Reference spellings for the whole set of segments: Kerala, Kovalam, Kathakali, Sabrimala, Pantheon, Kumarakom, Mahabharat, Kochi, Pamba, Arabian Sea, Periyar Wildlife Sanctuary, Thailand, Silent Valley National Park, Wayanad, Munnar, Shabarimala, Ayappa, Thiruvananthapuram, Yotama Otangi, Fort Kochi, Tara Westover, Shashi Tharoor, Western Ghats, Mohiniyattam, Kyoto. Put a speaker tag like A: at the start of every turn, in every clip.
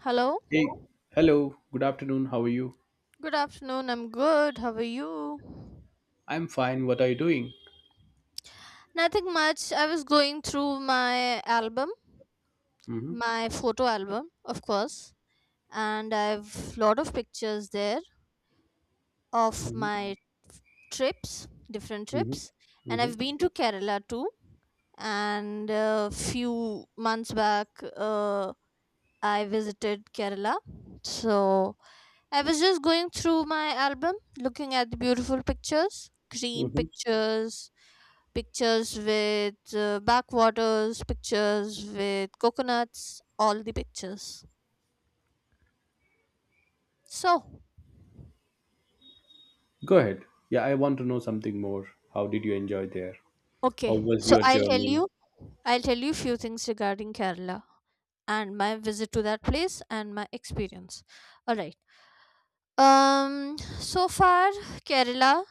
A: Hello.
B: Hey, hello. Good afternoon. How are you?
A: Good afternoon. I'm good. How are you?
B: I'm fine. What are you doing?
A: Nothing much. I was going through my album,
B: Mm-hmm.
A: my photo album, of course, and I've lot of pictures there of my trips, different trips, and I've been to Kerala too. And a few months back, uh, I visited Kerala. So I was just going through my album, looking at the beautiful pictures,
B: hmm
A: green
B: hmm
A: pictures, pictures with backwaters, pictures with coconuts, all the pictures. So,
B: Go ahead. Yeah, I want to know something more. How did you enjoy there? How
A: okay,
B: was
A: so
B: your journey?
A: I'll tell you few things regarding Kerala and my visit to that place and my experience. All right. So far Kerala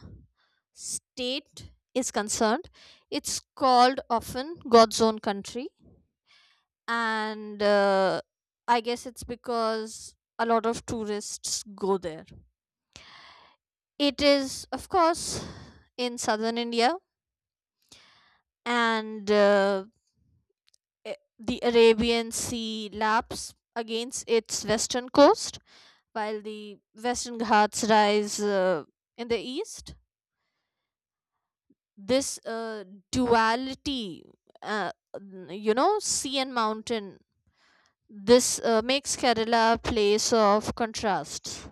A: state is concerned, it's called often God's own country and I guess it's because a lot of tourists go there. It is, of course, in southern India, and the Arabian Sea laps against its western coast, while the Western Ghats rise in the east. This duality, uh, sea and mountain, this makes Kerala a place of contrasts.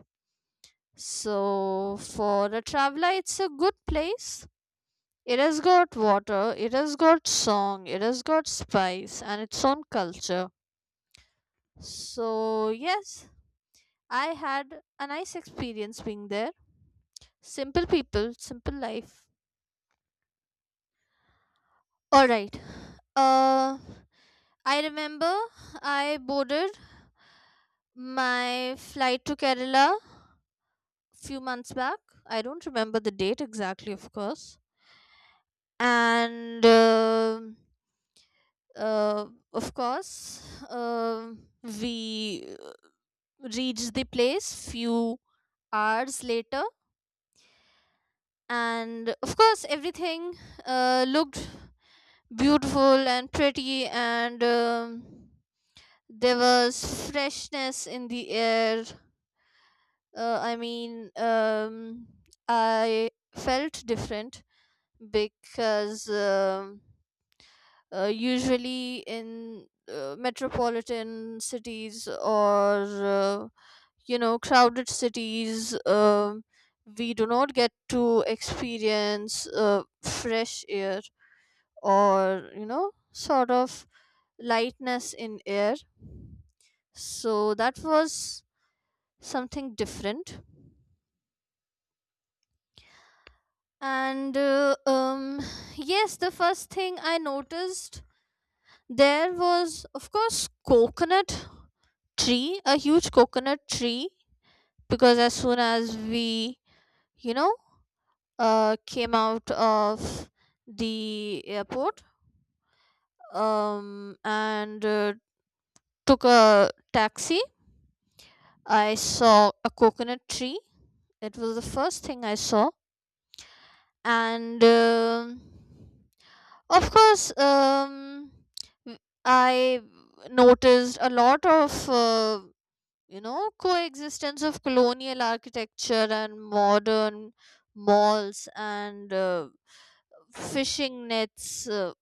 A: So, for a traveler, it's a good place. It has got water, it has got song, it has got spice, and its own culture. So, yes, I had a nice experience being there. Simple people, simple life. Alright. Uh, I remember I boarded my flight to Kerala few months back. I don't remember the date exactly, of course. And. Of course, we reached the place few hours later, and of course everything looked beautiful and pretty, and there was freshness in the air. uh, i mean um, I felt different because usually in metropolitan cities, or you know, crowded cities, we do not get to experience fresh air, or you know, sort of lightness in air. So that was something different, and yes, the first thing I noticed. There was, of course, coconut tree, a huge coconut tree, because as soon as we, you know, came out of the airport, and took a taxi, I saw a coconut tree. It was the first thing I saw, and of course, w- I noticed a lot of. You know, coexistence of colonial architecture and modern malls, and fishing nets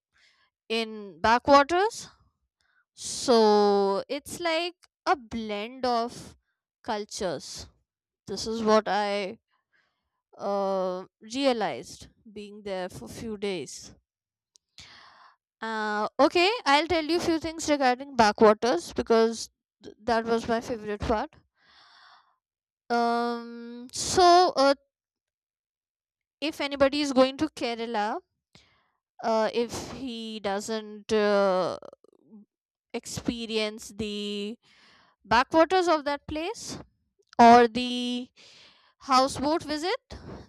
A: in backwaters. So it's like a blend of cultures. This is what I uh, realized being there for few days. Okay, I'll tell you few things regarding backwaters because that was my favorite part. So if anybody is going to Kerala, if he doesn't experience the backwaters of that place or the houseboat visit,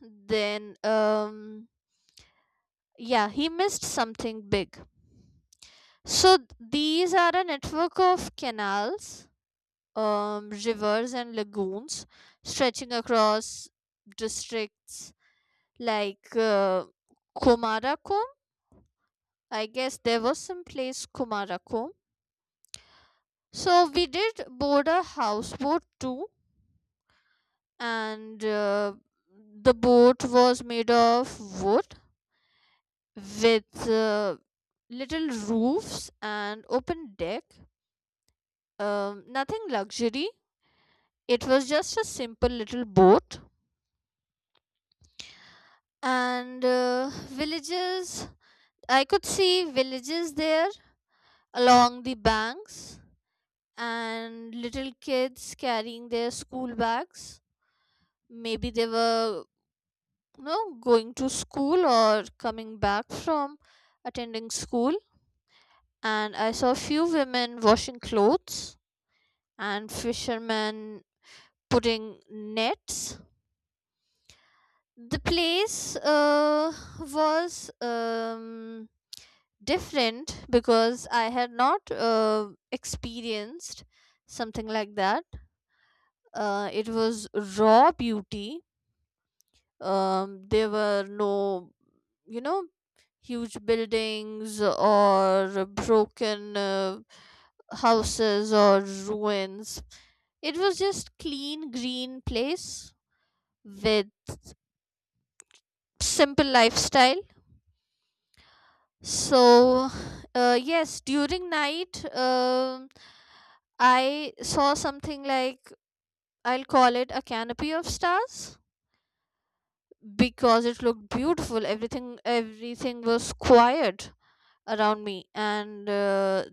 A: then yeah, he missed something big. So these are a network of canals, rivers, and lagoons stretching across districts like Komarakom. I guess there was some place Kumarakom. So we did board a houseboat too, and the boat was made of wood with little roofs and open deck. Nothing luxury. It was just a simple little boat, and villages. I could see villages there along the banks and little kids carrying their school bags. Maybe they were, you know, going to school or coming back from attending school. And I saw few women washing clothes and fishermen putting nets. The place was different because I had not experienced something like that. It was raw beauty. There were no, you know, huge buildings or broken houses or ruins. It was just clean green place with simple lifestyle. So yes, during night, I saw something like, I'll call it a canopy of stars, because it looked beautiful. Everything was quiet around me, and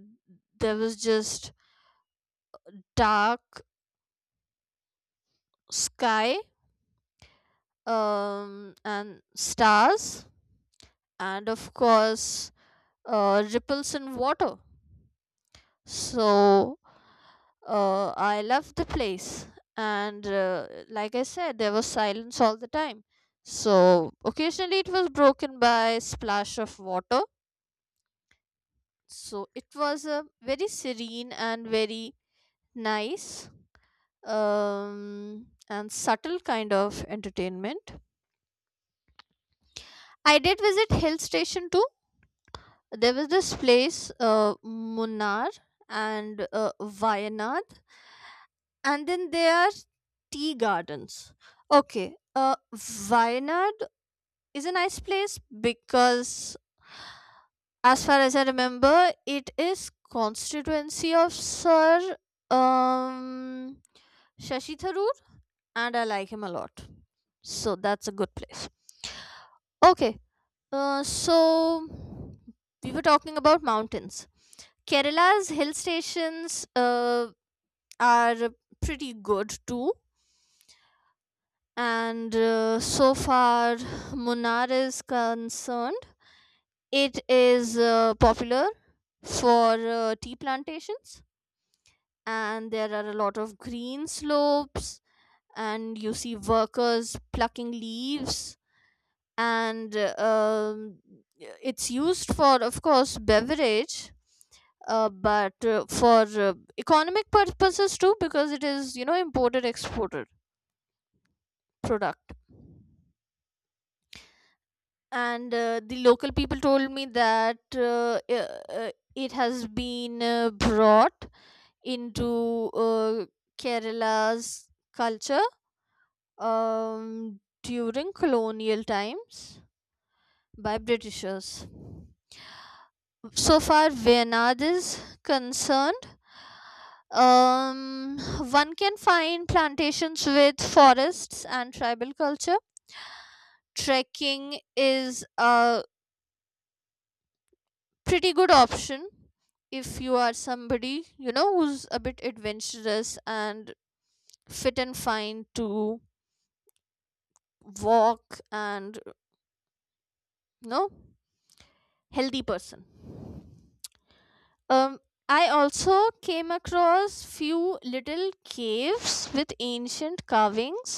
A: there was just dark sky, and stars, and of course ripples in water. So I loved the place, and like I said, there was silence all the time. So occasionally it was broken by splash of water. So it was a very serene and very nice and subtle kind of entertainment. I did visit hill station too. There was this place, Munnar and Wayanad, and then there are tea gardens. Okay, Wayanad is a nice place because, as far as I remember, it is constituency of Sir um, Shashi Tharoor, and I like him a lot. So that's a good place. Okay, so we were talking about mountains. Kerala's hill stations are pretty good too. And so far Munnar is concerned, it is popular for tea plantations, and there are a lot of green slopes, and you see workers plucking leaves, and it's used for, of course, beverage, but for economic purposes too, because it is, you know, imported exported product. And the local people told me that it has been brought into Kerala's culture during colonial times by Britishers. So far, Vinod is concerned. One can find plantations with forests and tribal culture. Trekking is a pretty good option if you are somebody, you know, who's a bit adventurous and fit and fine to walk and, you know, healthy person. um I also came across few little caves with ancient carvings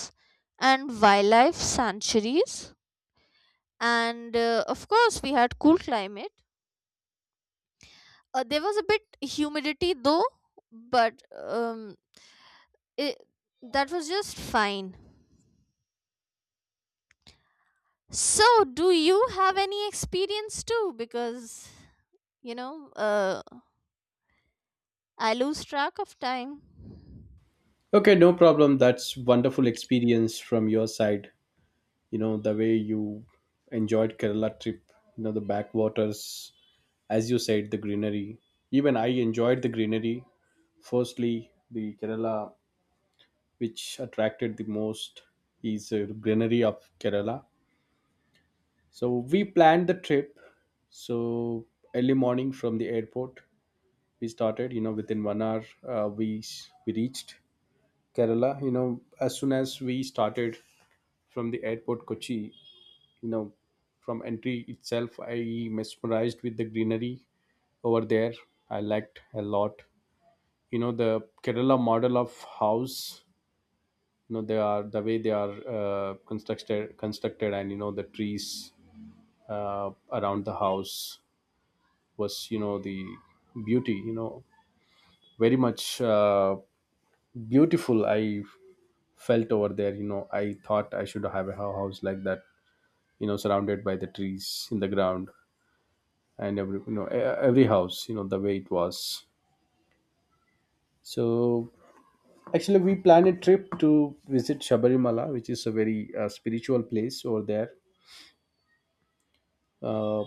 A: and wildlife sanctuaries, and of course we had cool climate. There was a bit humidity though, but um it, that was just fine. So do you have any experience too? Because you know, I lose track of time.
B: Okay, no problem. That's wonderful experience from your side. You know, the way you enjoyed Kerala trip, you know, the backwaters, as you said, the greenery. Even I enjoyed the greenery. Firstly, the Kerala, which attracted the most is greenery of Kerala. So we planned the trip. So early morning from the airport, we started. You know, within one hour, we reached Kerala. You know, as soon as we started from the airport, Kochi. You know, from entry itself, I mesmerized with the greenery over there. I liked a lot. You know, the Kerala model of house. You know, they are the way they are constructed, and you know the trees around the house was, you know, the beauty, you know, very much beautiful I felt over there. You know, I thought I should have a house like that, you know, surrounded by the trees in the ground, and every, you know, every house, you know, the way it was. So actually we planned a trip to visit Shabarimala, which is a very spiritual place over there, uh,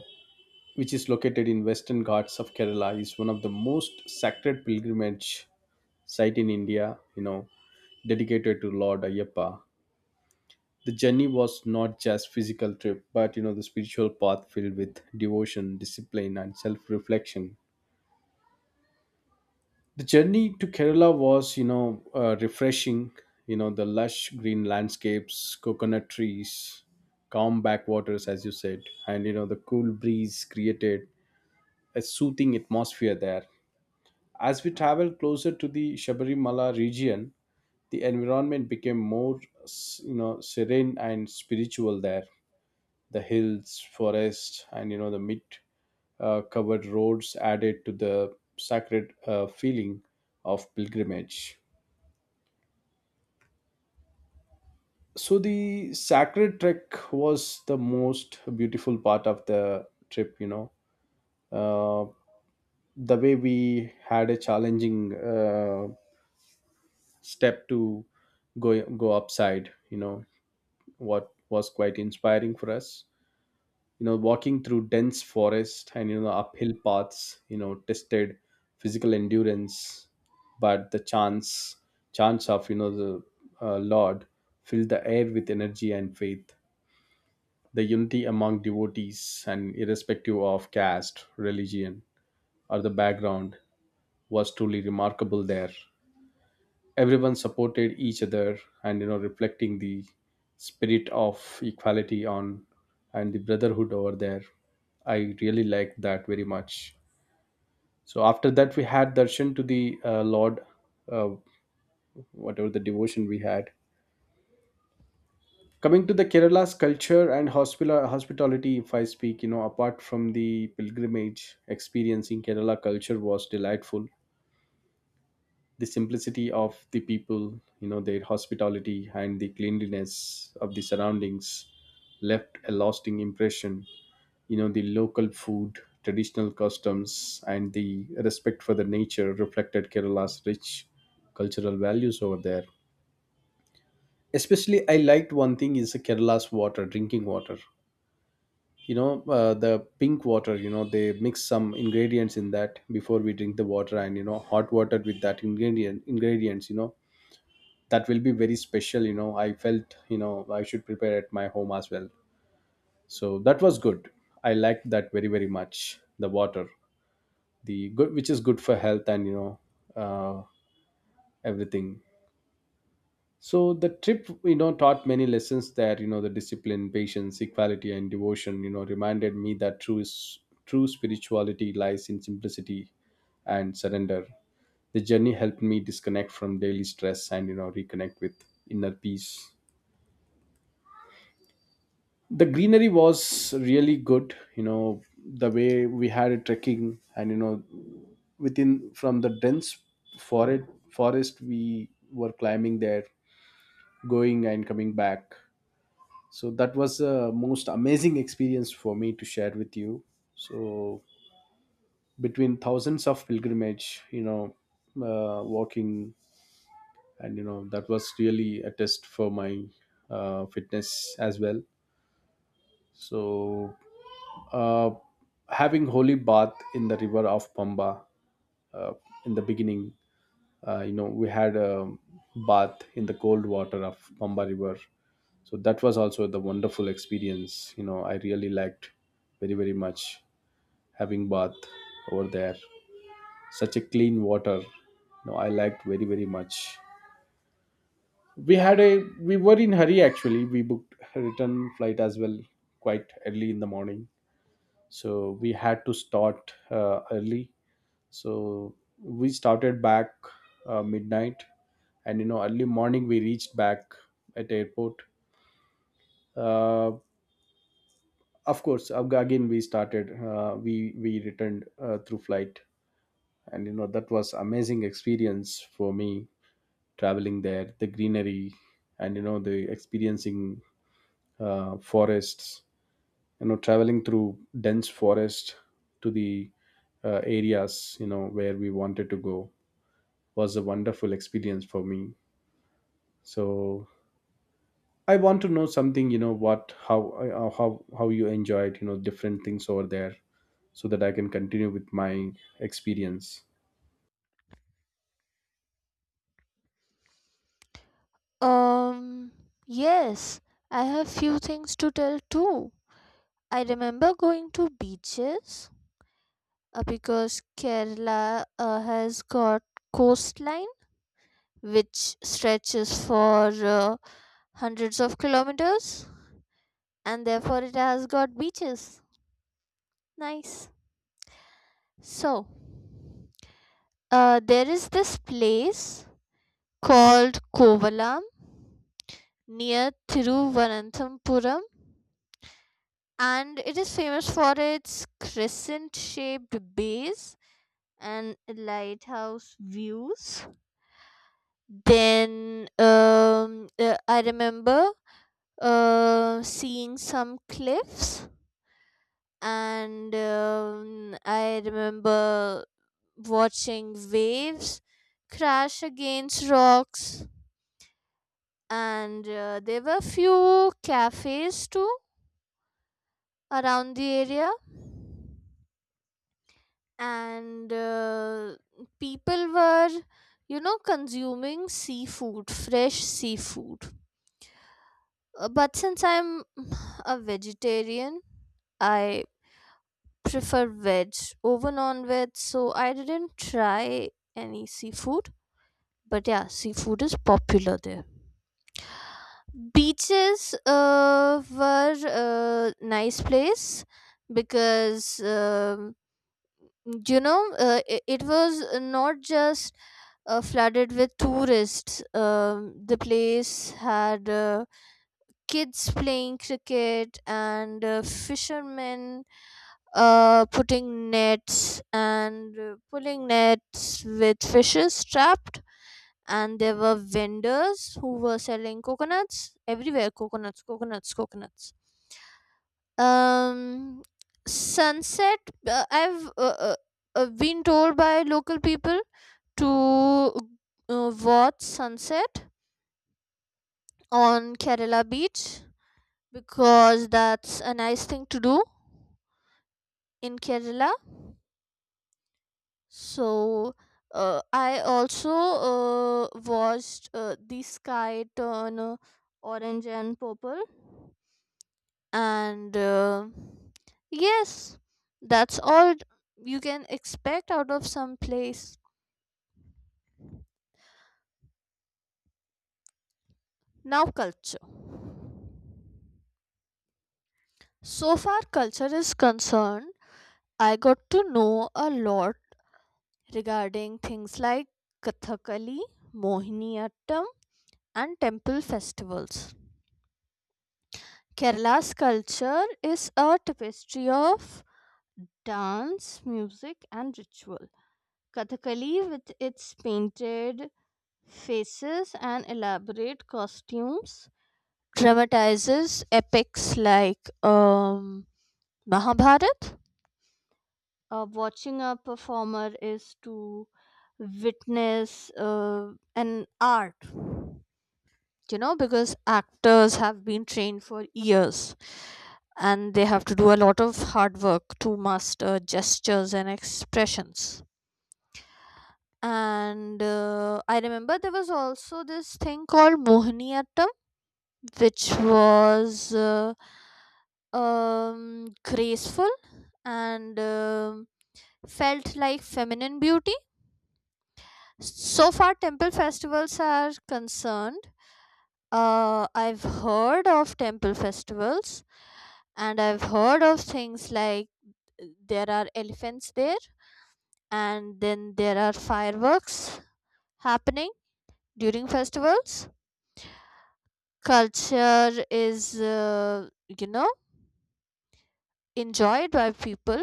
B: which is located in Western Ghats of Kerala, is one of the most sacred pilgrimage site in India, you know, dedicated to Lord Ayappa. The journey was not just physical trip, but you know the spiritual path filled with devotion, discipline, and self-reflection. The journey to Kerala was, you know, refreshing. You know, the lush green landscapes, coconut trees, calm backwaters, as you said, and you know the cool breeze created a soothing atmosphere there. As we traveled closer to the Shabarimala region, the environment became more you know serene and spiritual there. The hills, forests, and you know the mid covered roads added to the sacred feeling of pilgrimage. So the sacred trek was the most beautiful part of the trip, you know. Uh, the way we had a challenging uh, step to go go upside, you know, what was quite inspiring for us, you know, walking through dense forest and you know uphill paths, you know, tested physical endurance. But the chance of, you know, the lord filled the air with energy and faith. The unity among devotees, and irrespective of caste, religion, or the background was truly remarkable there. Everyone supported each other, and you know reflecting the spirit of equality on and the brotherhood over there. I really liked that very much. So after that we had darshan to the lord, uh, whatever the devotion we had. Coming to the Kerala's culture and hospitality, if I speak, you know, apart from the pilgrimage, experiencing Kerala culture was delightful. The simplicity of the people, you know, their hospitality and the cleanliness of the surroundings left a lasting impression. You know, the local food, traditional customs, and the respect for the nature reflected Kerala's rich cultural values over there. Especially, I liked one thing is Kerala's water, drinking water. You know, the pink water, you know, they mix some ingredients in that before we drink the water, and, you know, hot water with that ingredients, you know, that will be very special, you know. I felt, you know, I should prepare at my home as well. So that was good. I liked that very, very much, the water. The good, which is good for health, and, you know, uh, everything. So the trip, you know, taught many lessons there, you know. The discipline, patience, equality, and devotion, you know, reminded me that true spirituality lies in simplicity and surrender. The journey helped me disconnect from daily stress and you know reconnect with inner peace. The greenery was really good, you know, the way we had a trekking, and you know within from the dense forest forest we were climbing there, going and coming back. So that was a most amazing experience for me to share with you. So between thousands of pilgrimage, you know, walking, and you know that was really a test for my fitness as well. So, uh, having holy bath in the river of Pamba, uh, in the beginning. You know, we had a bath in the cold water of Pamba River. So that was also the wonderful experience. You know, I really liked very, very much having bath over there. Such a clean water. You know, I liked very, very much. We had a we were in hurry actually. We booked a return flight as well, quite early in the morning. So we had to start early. So we started back midnight, and you know early morning we reached back at airport. Uh, of course, again we started, we returned through flight. And you know that was amazing experience for me, traveling there, the greenery, and you know the experiencing forests, you know, traveling through dense forest to the areas, you know, where we wanted to go was a wonderful experience for me. So I want to know something. You know, what how you enjoyed, you know, different things over there, so that I can continue with my experience.
A: Um, yes, I have few things to tell too. I remember going to beaches because Kerala has got coastline which stretches for hundreds of kilometers, and therefore it has got beaches. Nice. So, there is this place called Kovalam near Thiruvananthapuram, and it is famous for its crescent shaped base and lighthouse views. Then I remember seeing some cliffs, and I remember watching waves crash against rocks, and there were few cafes too around the area, and people were, you know, consuming seafood, fresh seafood. But since I'm a vegetarian, I prefer veg over non-veg, so I didn't try any seafood. But yeah, seafood is popular there. Beaches were a nice place because um you know, it was not just flooded with tourists. The place had kids playing cricket, and fishermen putting nets, and pulling nets with fishes trapped. And there were vendors who were selling coconuts everywhere, coconuts, coconuts, coconuts. um Sunset, I've uh, been told by local people to watch sunset on Kerala beach, because that's a nice thing to do in Kerala. So I also uh, watched the sky turn orange and purple, and yes, that's all you can expect out of some place. Now culture. So far culture is concerned, I got to know a lot regarding things like Kathakali, Mohiniyattam, and temple festivals. Kerala's culture is a tapestry of dance, music, and ritual. Kathakali, with its painted faces and elaborate costumes, dramatizes epics like Mahabharat. Watching a performer is to witness an art, you know, because actors have been trained for years, and they have to do a lot of hard work to master gestures and expressions. And I remember there was also this thing called Mohiniyattam, which was graceful, and felt like feminine beauty. So far, temple festivals are concerned. I've heard of temple festivals, and I've heard of things like there are elephants there, and then there are fireworks happening during festivals. Culture is, you know, enjoyed by people.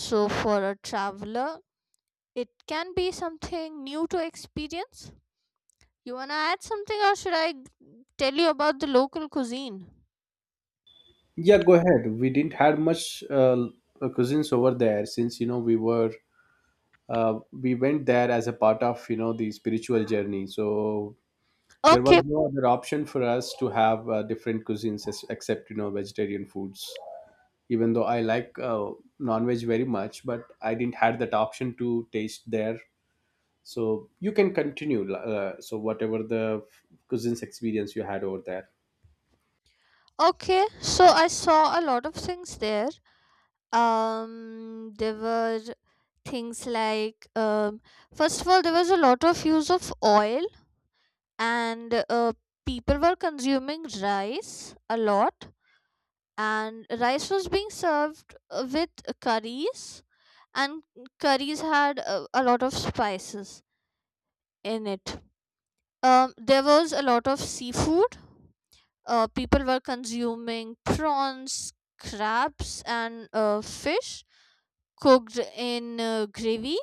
A: So, for a traveler, it can be something new to experience. You wanna add something, or should I tell you about the local cuisine?
B: Yeah, go ahead. We didn't have much cousins over there, since you know we went there as a part of, you know, the spiritual journey. So there was
A: Okay,
B: no other option for us to have different cuisines, except you know vegetarian foods. Even though I like non-veg very much, but I didn't had that option to taste their. So you can continue, so whatever the cousins experience you had over there.
A: okay. So I saw a lot of things there. There were things like, first of all, there was a lot of use of oil, and people were consuming rice a lot, and rice was being served with curries, and curries had a lot of spices in it. There was a lot of seafood. People were consuming prawns, crabs, and fish cooked in gravy.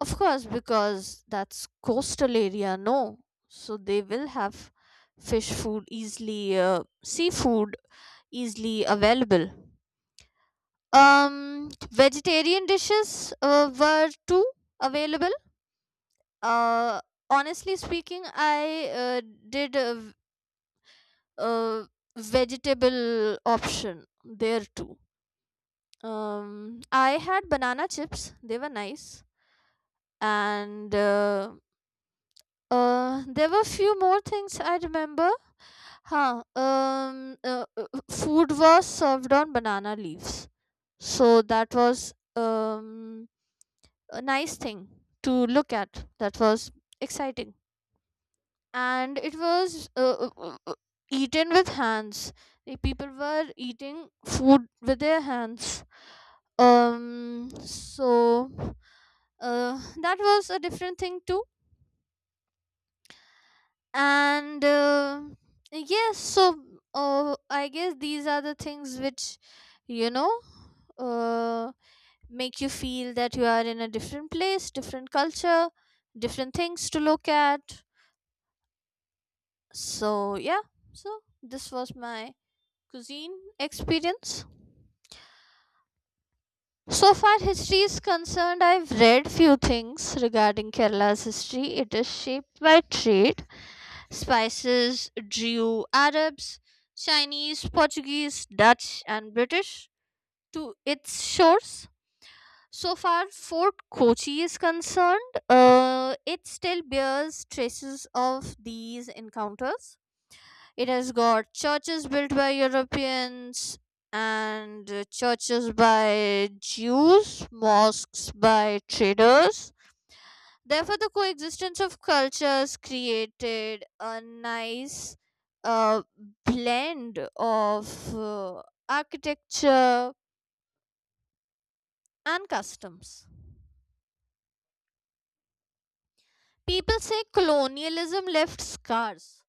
A: Of course, because that's coastal area, no. So they will have fish food easily, seafood easily available. Vegetarian dishes were too available. Uh, Honestly speaking, I did a vegetable option there too. I had banana chips; they were nice, and there were few more things I remember. Huh. Food was served on banana leaves, so that was a nice thing to look at. That was exciting. And it was eaten with hands. The people were eating food with their hands. So, that was a different thing too. And yes, so I guess these are the things which you know uh, make you feel that you are in a different place, different culture, different things to look at. So yeah, so this was my cuisine experience. So far, history is concerned, I've read few things regarding Kerala's history. It is shaped by trade, spices, Jew, Arabs, Chinese, Portuguese, Dutch, and British to its shores. So far, Fort Kochi is concerned, it still bears traces of these encounters. It has got churches built by Europeans, and churches by Jews, mosques by traders. Therefore, the coexistence of cultures created a nice uh, blend of architecture and customs. People say colonialism left scars,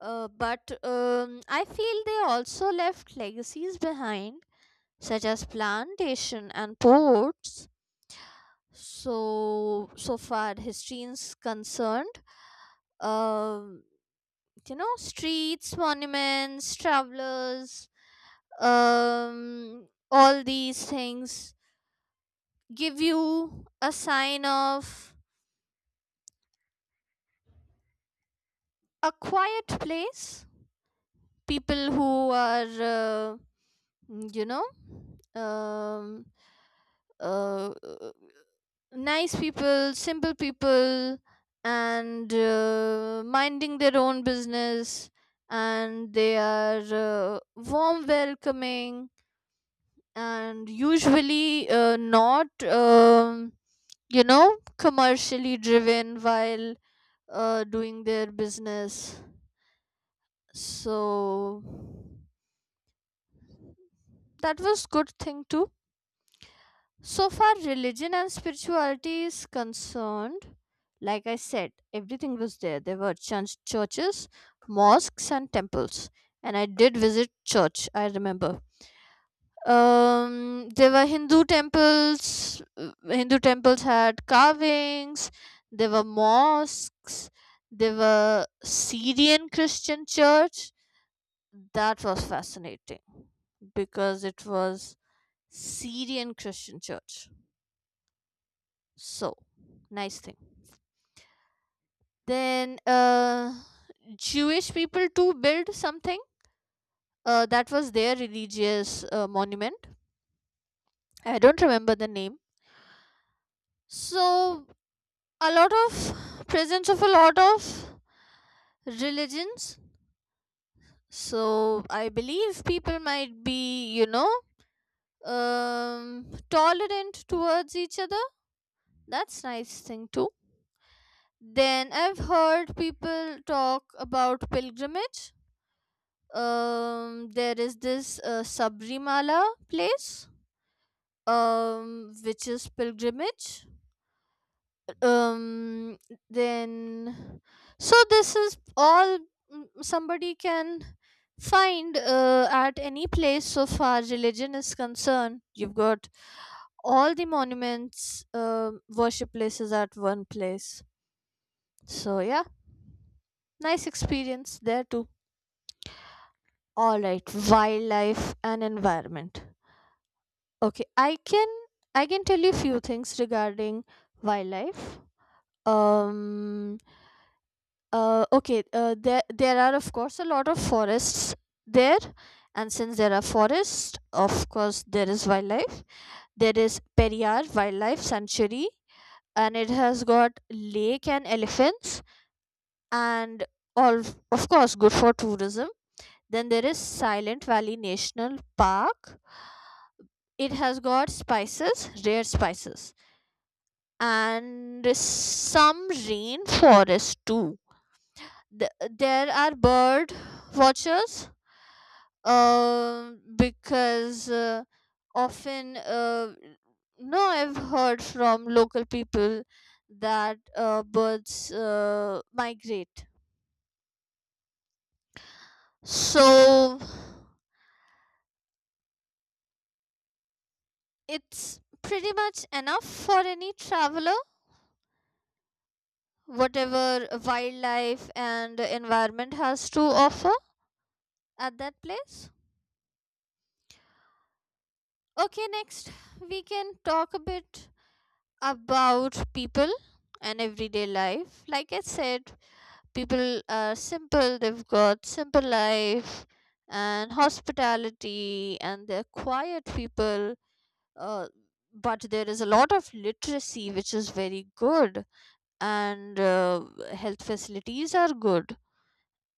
A: but I feel they also left legacies behind, such as plantation and ports. So, so far history is concerned, um, streets, monuments, travelers, all these things give you a sign of a quiet place. People who are Mm, You know, um, uh, uh, nice people, simple people, and minding their own business, and they are warm, welcoming, and usually not, commercially driven while doing their business. So that was good thing too. So far, religion and spirituality is concerned, like I said, everything was there. There were churches, mosques, and temples. And I did visit church, I remember. There were Hindu temples. Hindu temples had carvings. There were mosques. There were Syrian Christian church. That was fascinating because it was Syrian Christian church. So, nice thing. Then, Jewish people too built something, that was their religious monument. I don't remember the name. So, a lot of presence of a lot of religions. So, I believe people might be, tolerant towards each other. That's nice thing too. Then I've heard people talk about pilgrimage. There is this sabrimala place, which is pilgrimage. um then, so this is all. Somebody can find at any place. So far religion is concerned, you've got all the monuments, worship places at one place. So yeah, nice experience there too. All right, wildlife and environment. Okay, I can tell you few things regarding wildlife. Um okay, there are of course a lot of forests there. And since there are forests, of course there is wildlife. There is Periyar Wildlife Sanctuary, and it has got lake and elephants and all, of course good for tourism. Then there is Silent Valley National Park. It has got spices, rare spices, and some rainforest too. There are bird watchers, because often, no, I've heard from local people that birds migrate. So it's pretty much enough for any traveler, whatever wildlife and environment has to offer at that place. Okay, next we can talk a bit about people and everyday life. Like I said, people are simple, they've got simple life and hospitality, and they're quiet people. Uh, but there is a lot of literacy, which is very good, and health facilities are good,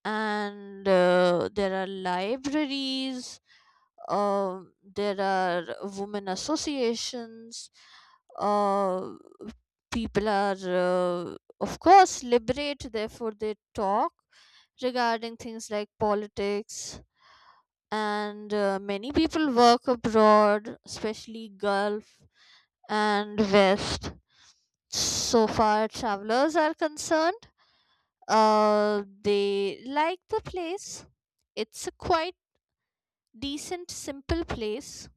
A: and there are libraries. There are women associations. uh, People are of course liberate, therefore they talk regarding things like politics. And many people work abroad, especially gulf and west. So far travelers are concerned, they like the place. It's a quite decent simple place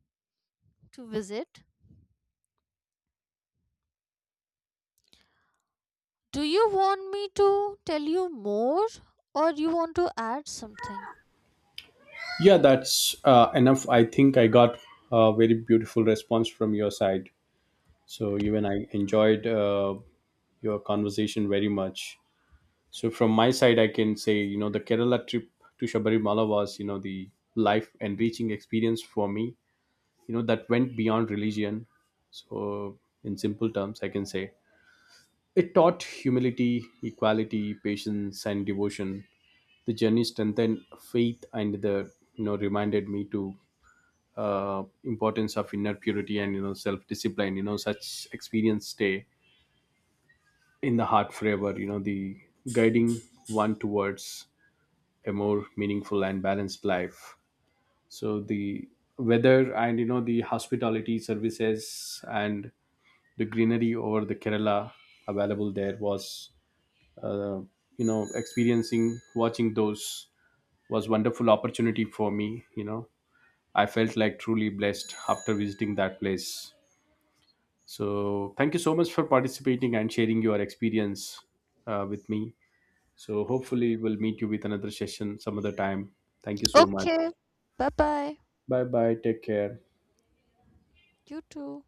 A: to visit. Do you want me to tell you more, or you want to add something?
B: Yeah, that's enough, I think. I got a very beautiful response from your side. So even I enjoyed your conversation very much. So from my side I can say, you know, the Kerala trip to Shabarimala was, you know, the life enriching experience for me, you know, that went beyond religion. So in simple terms I can say it taught humility, equality, patience, and devotion. The journey strengthened faith, and the you know reminded me to importance of inner purity, and you know self discipline. You know, such experience stay in the heart forever, you know, the guiding one towards a more meaningful and balanced life. So the weather, and you know the hospitality services, and the greenery over the Kerala available there was uh, you know experiencing watching those was wonderful opportunity for me, you know. I felt like truly blessed after visiting that place. So, thank you so much for participating and sharing your experience, with me. So, hopefully, we'll meet you with another session some other time. Thank you so much.
A: Okay. Bye bye.
B: Bye bye. Take care.
A: You too.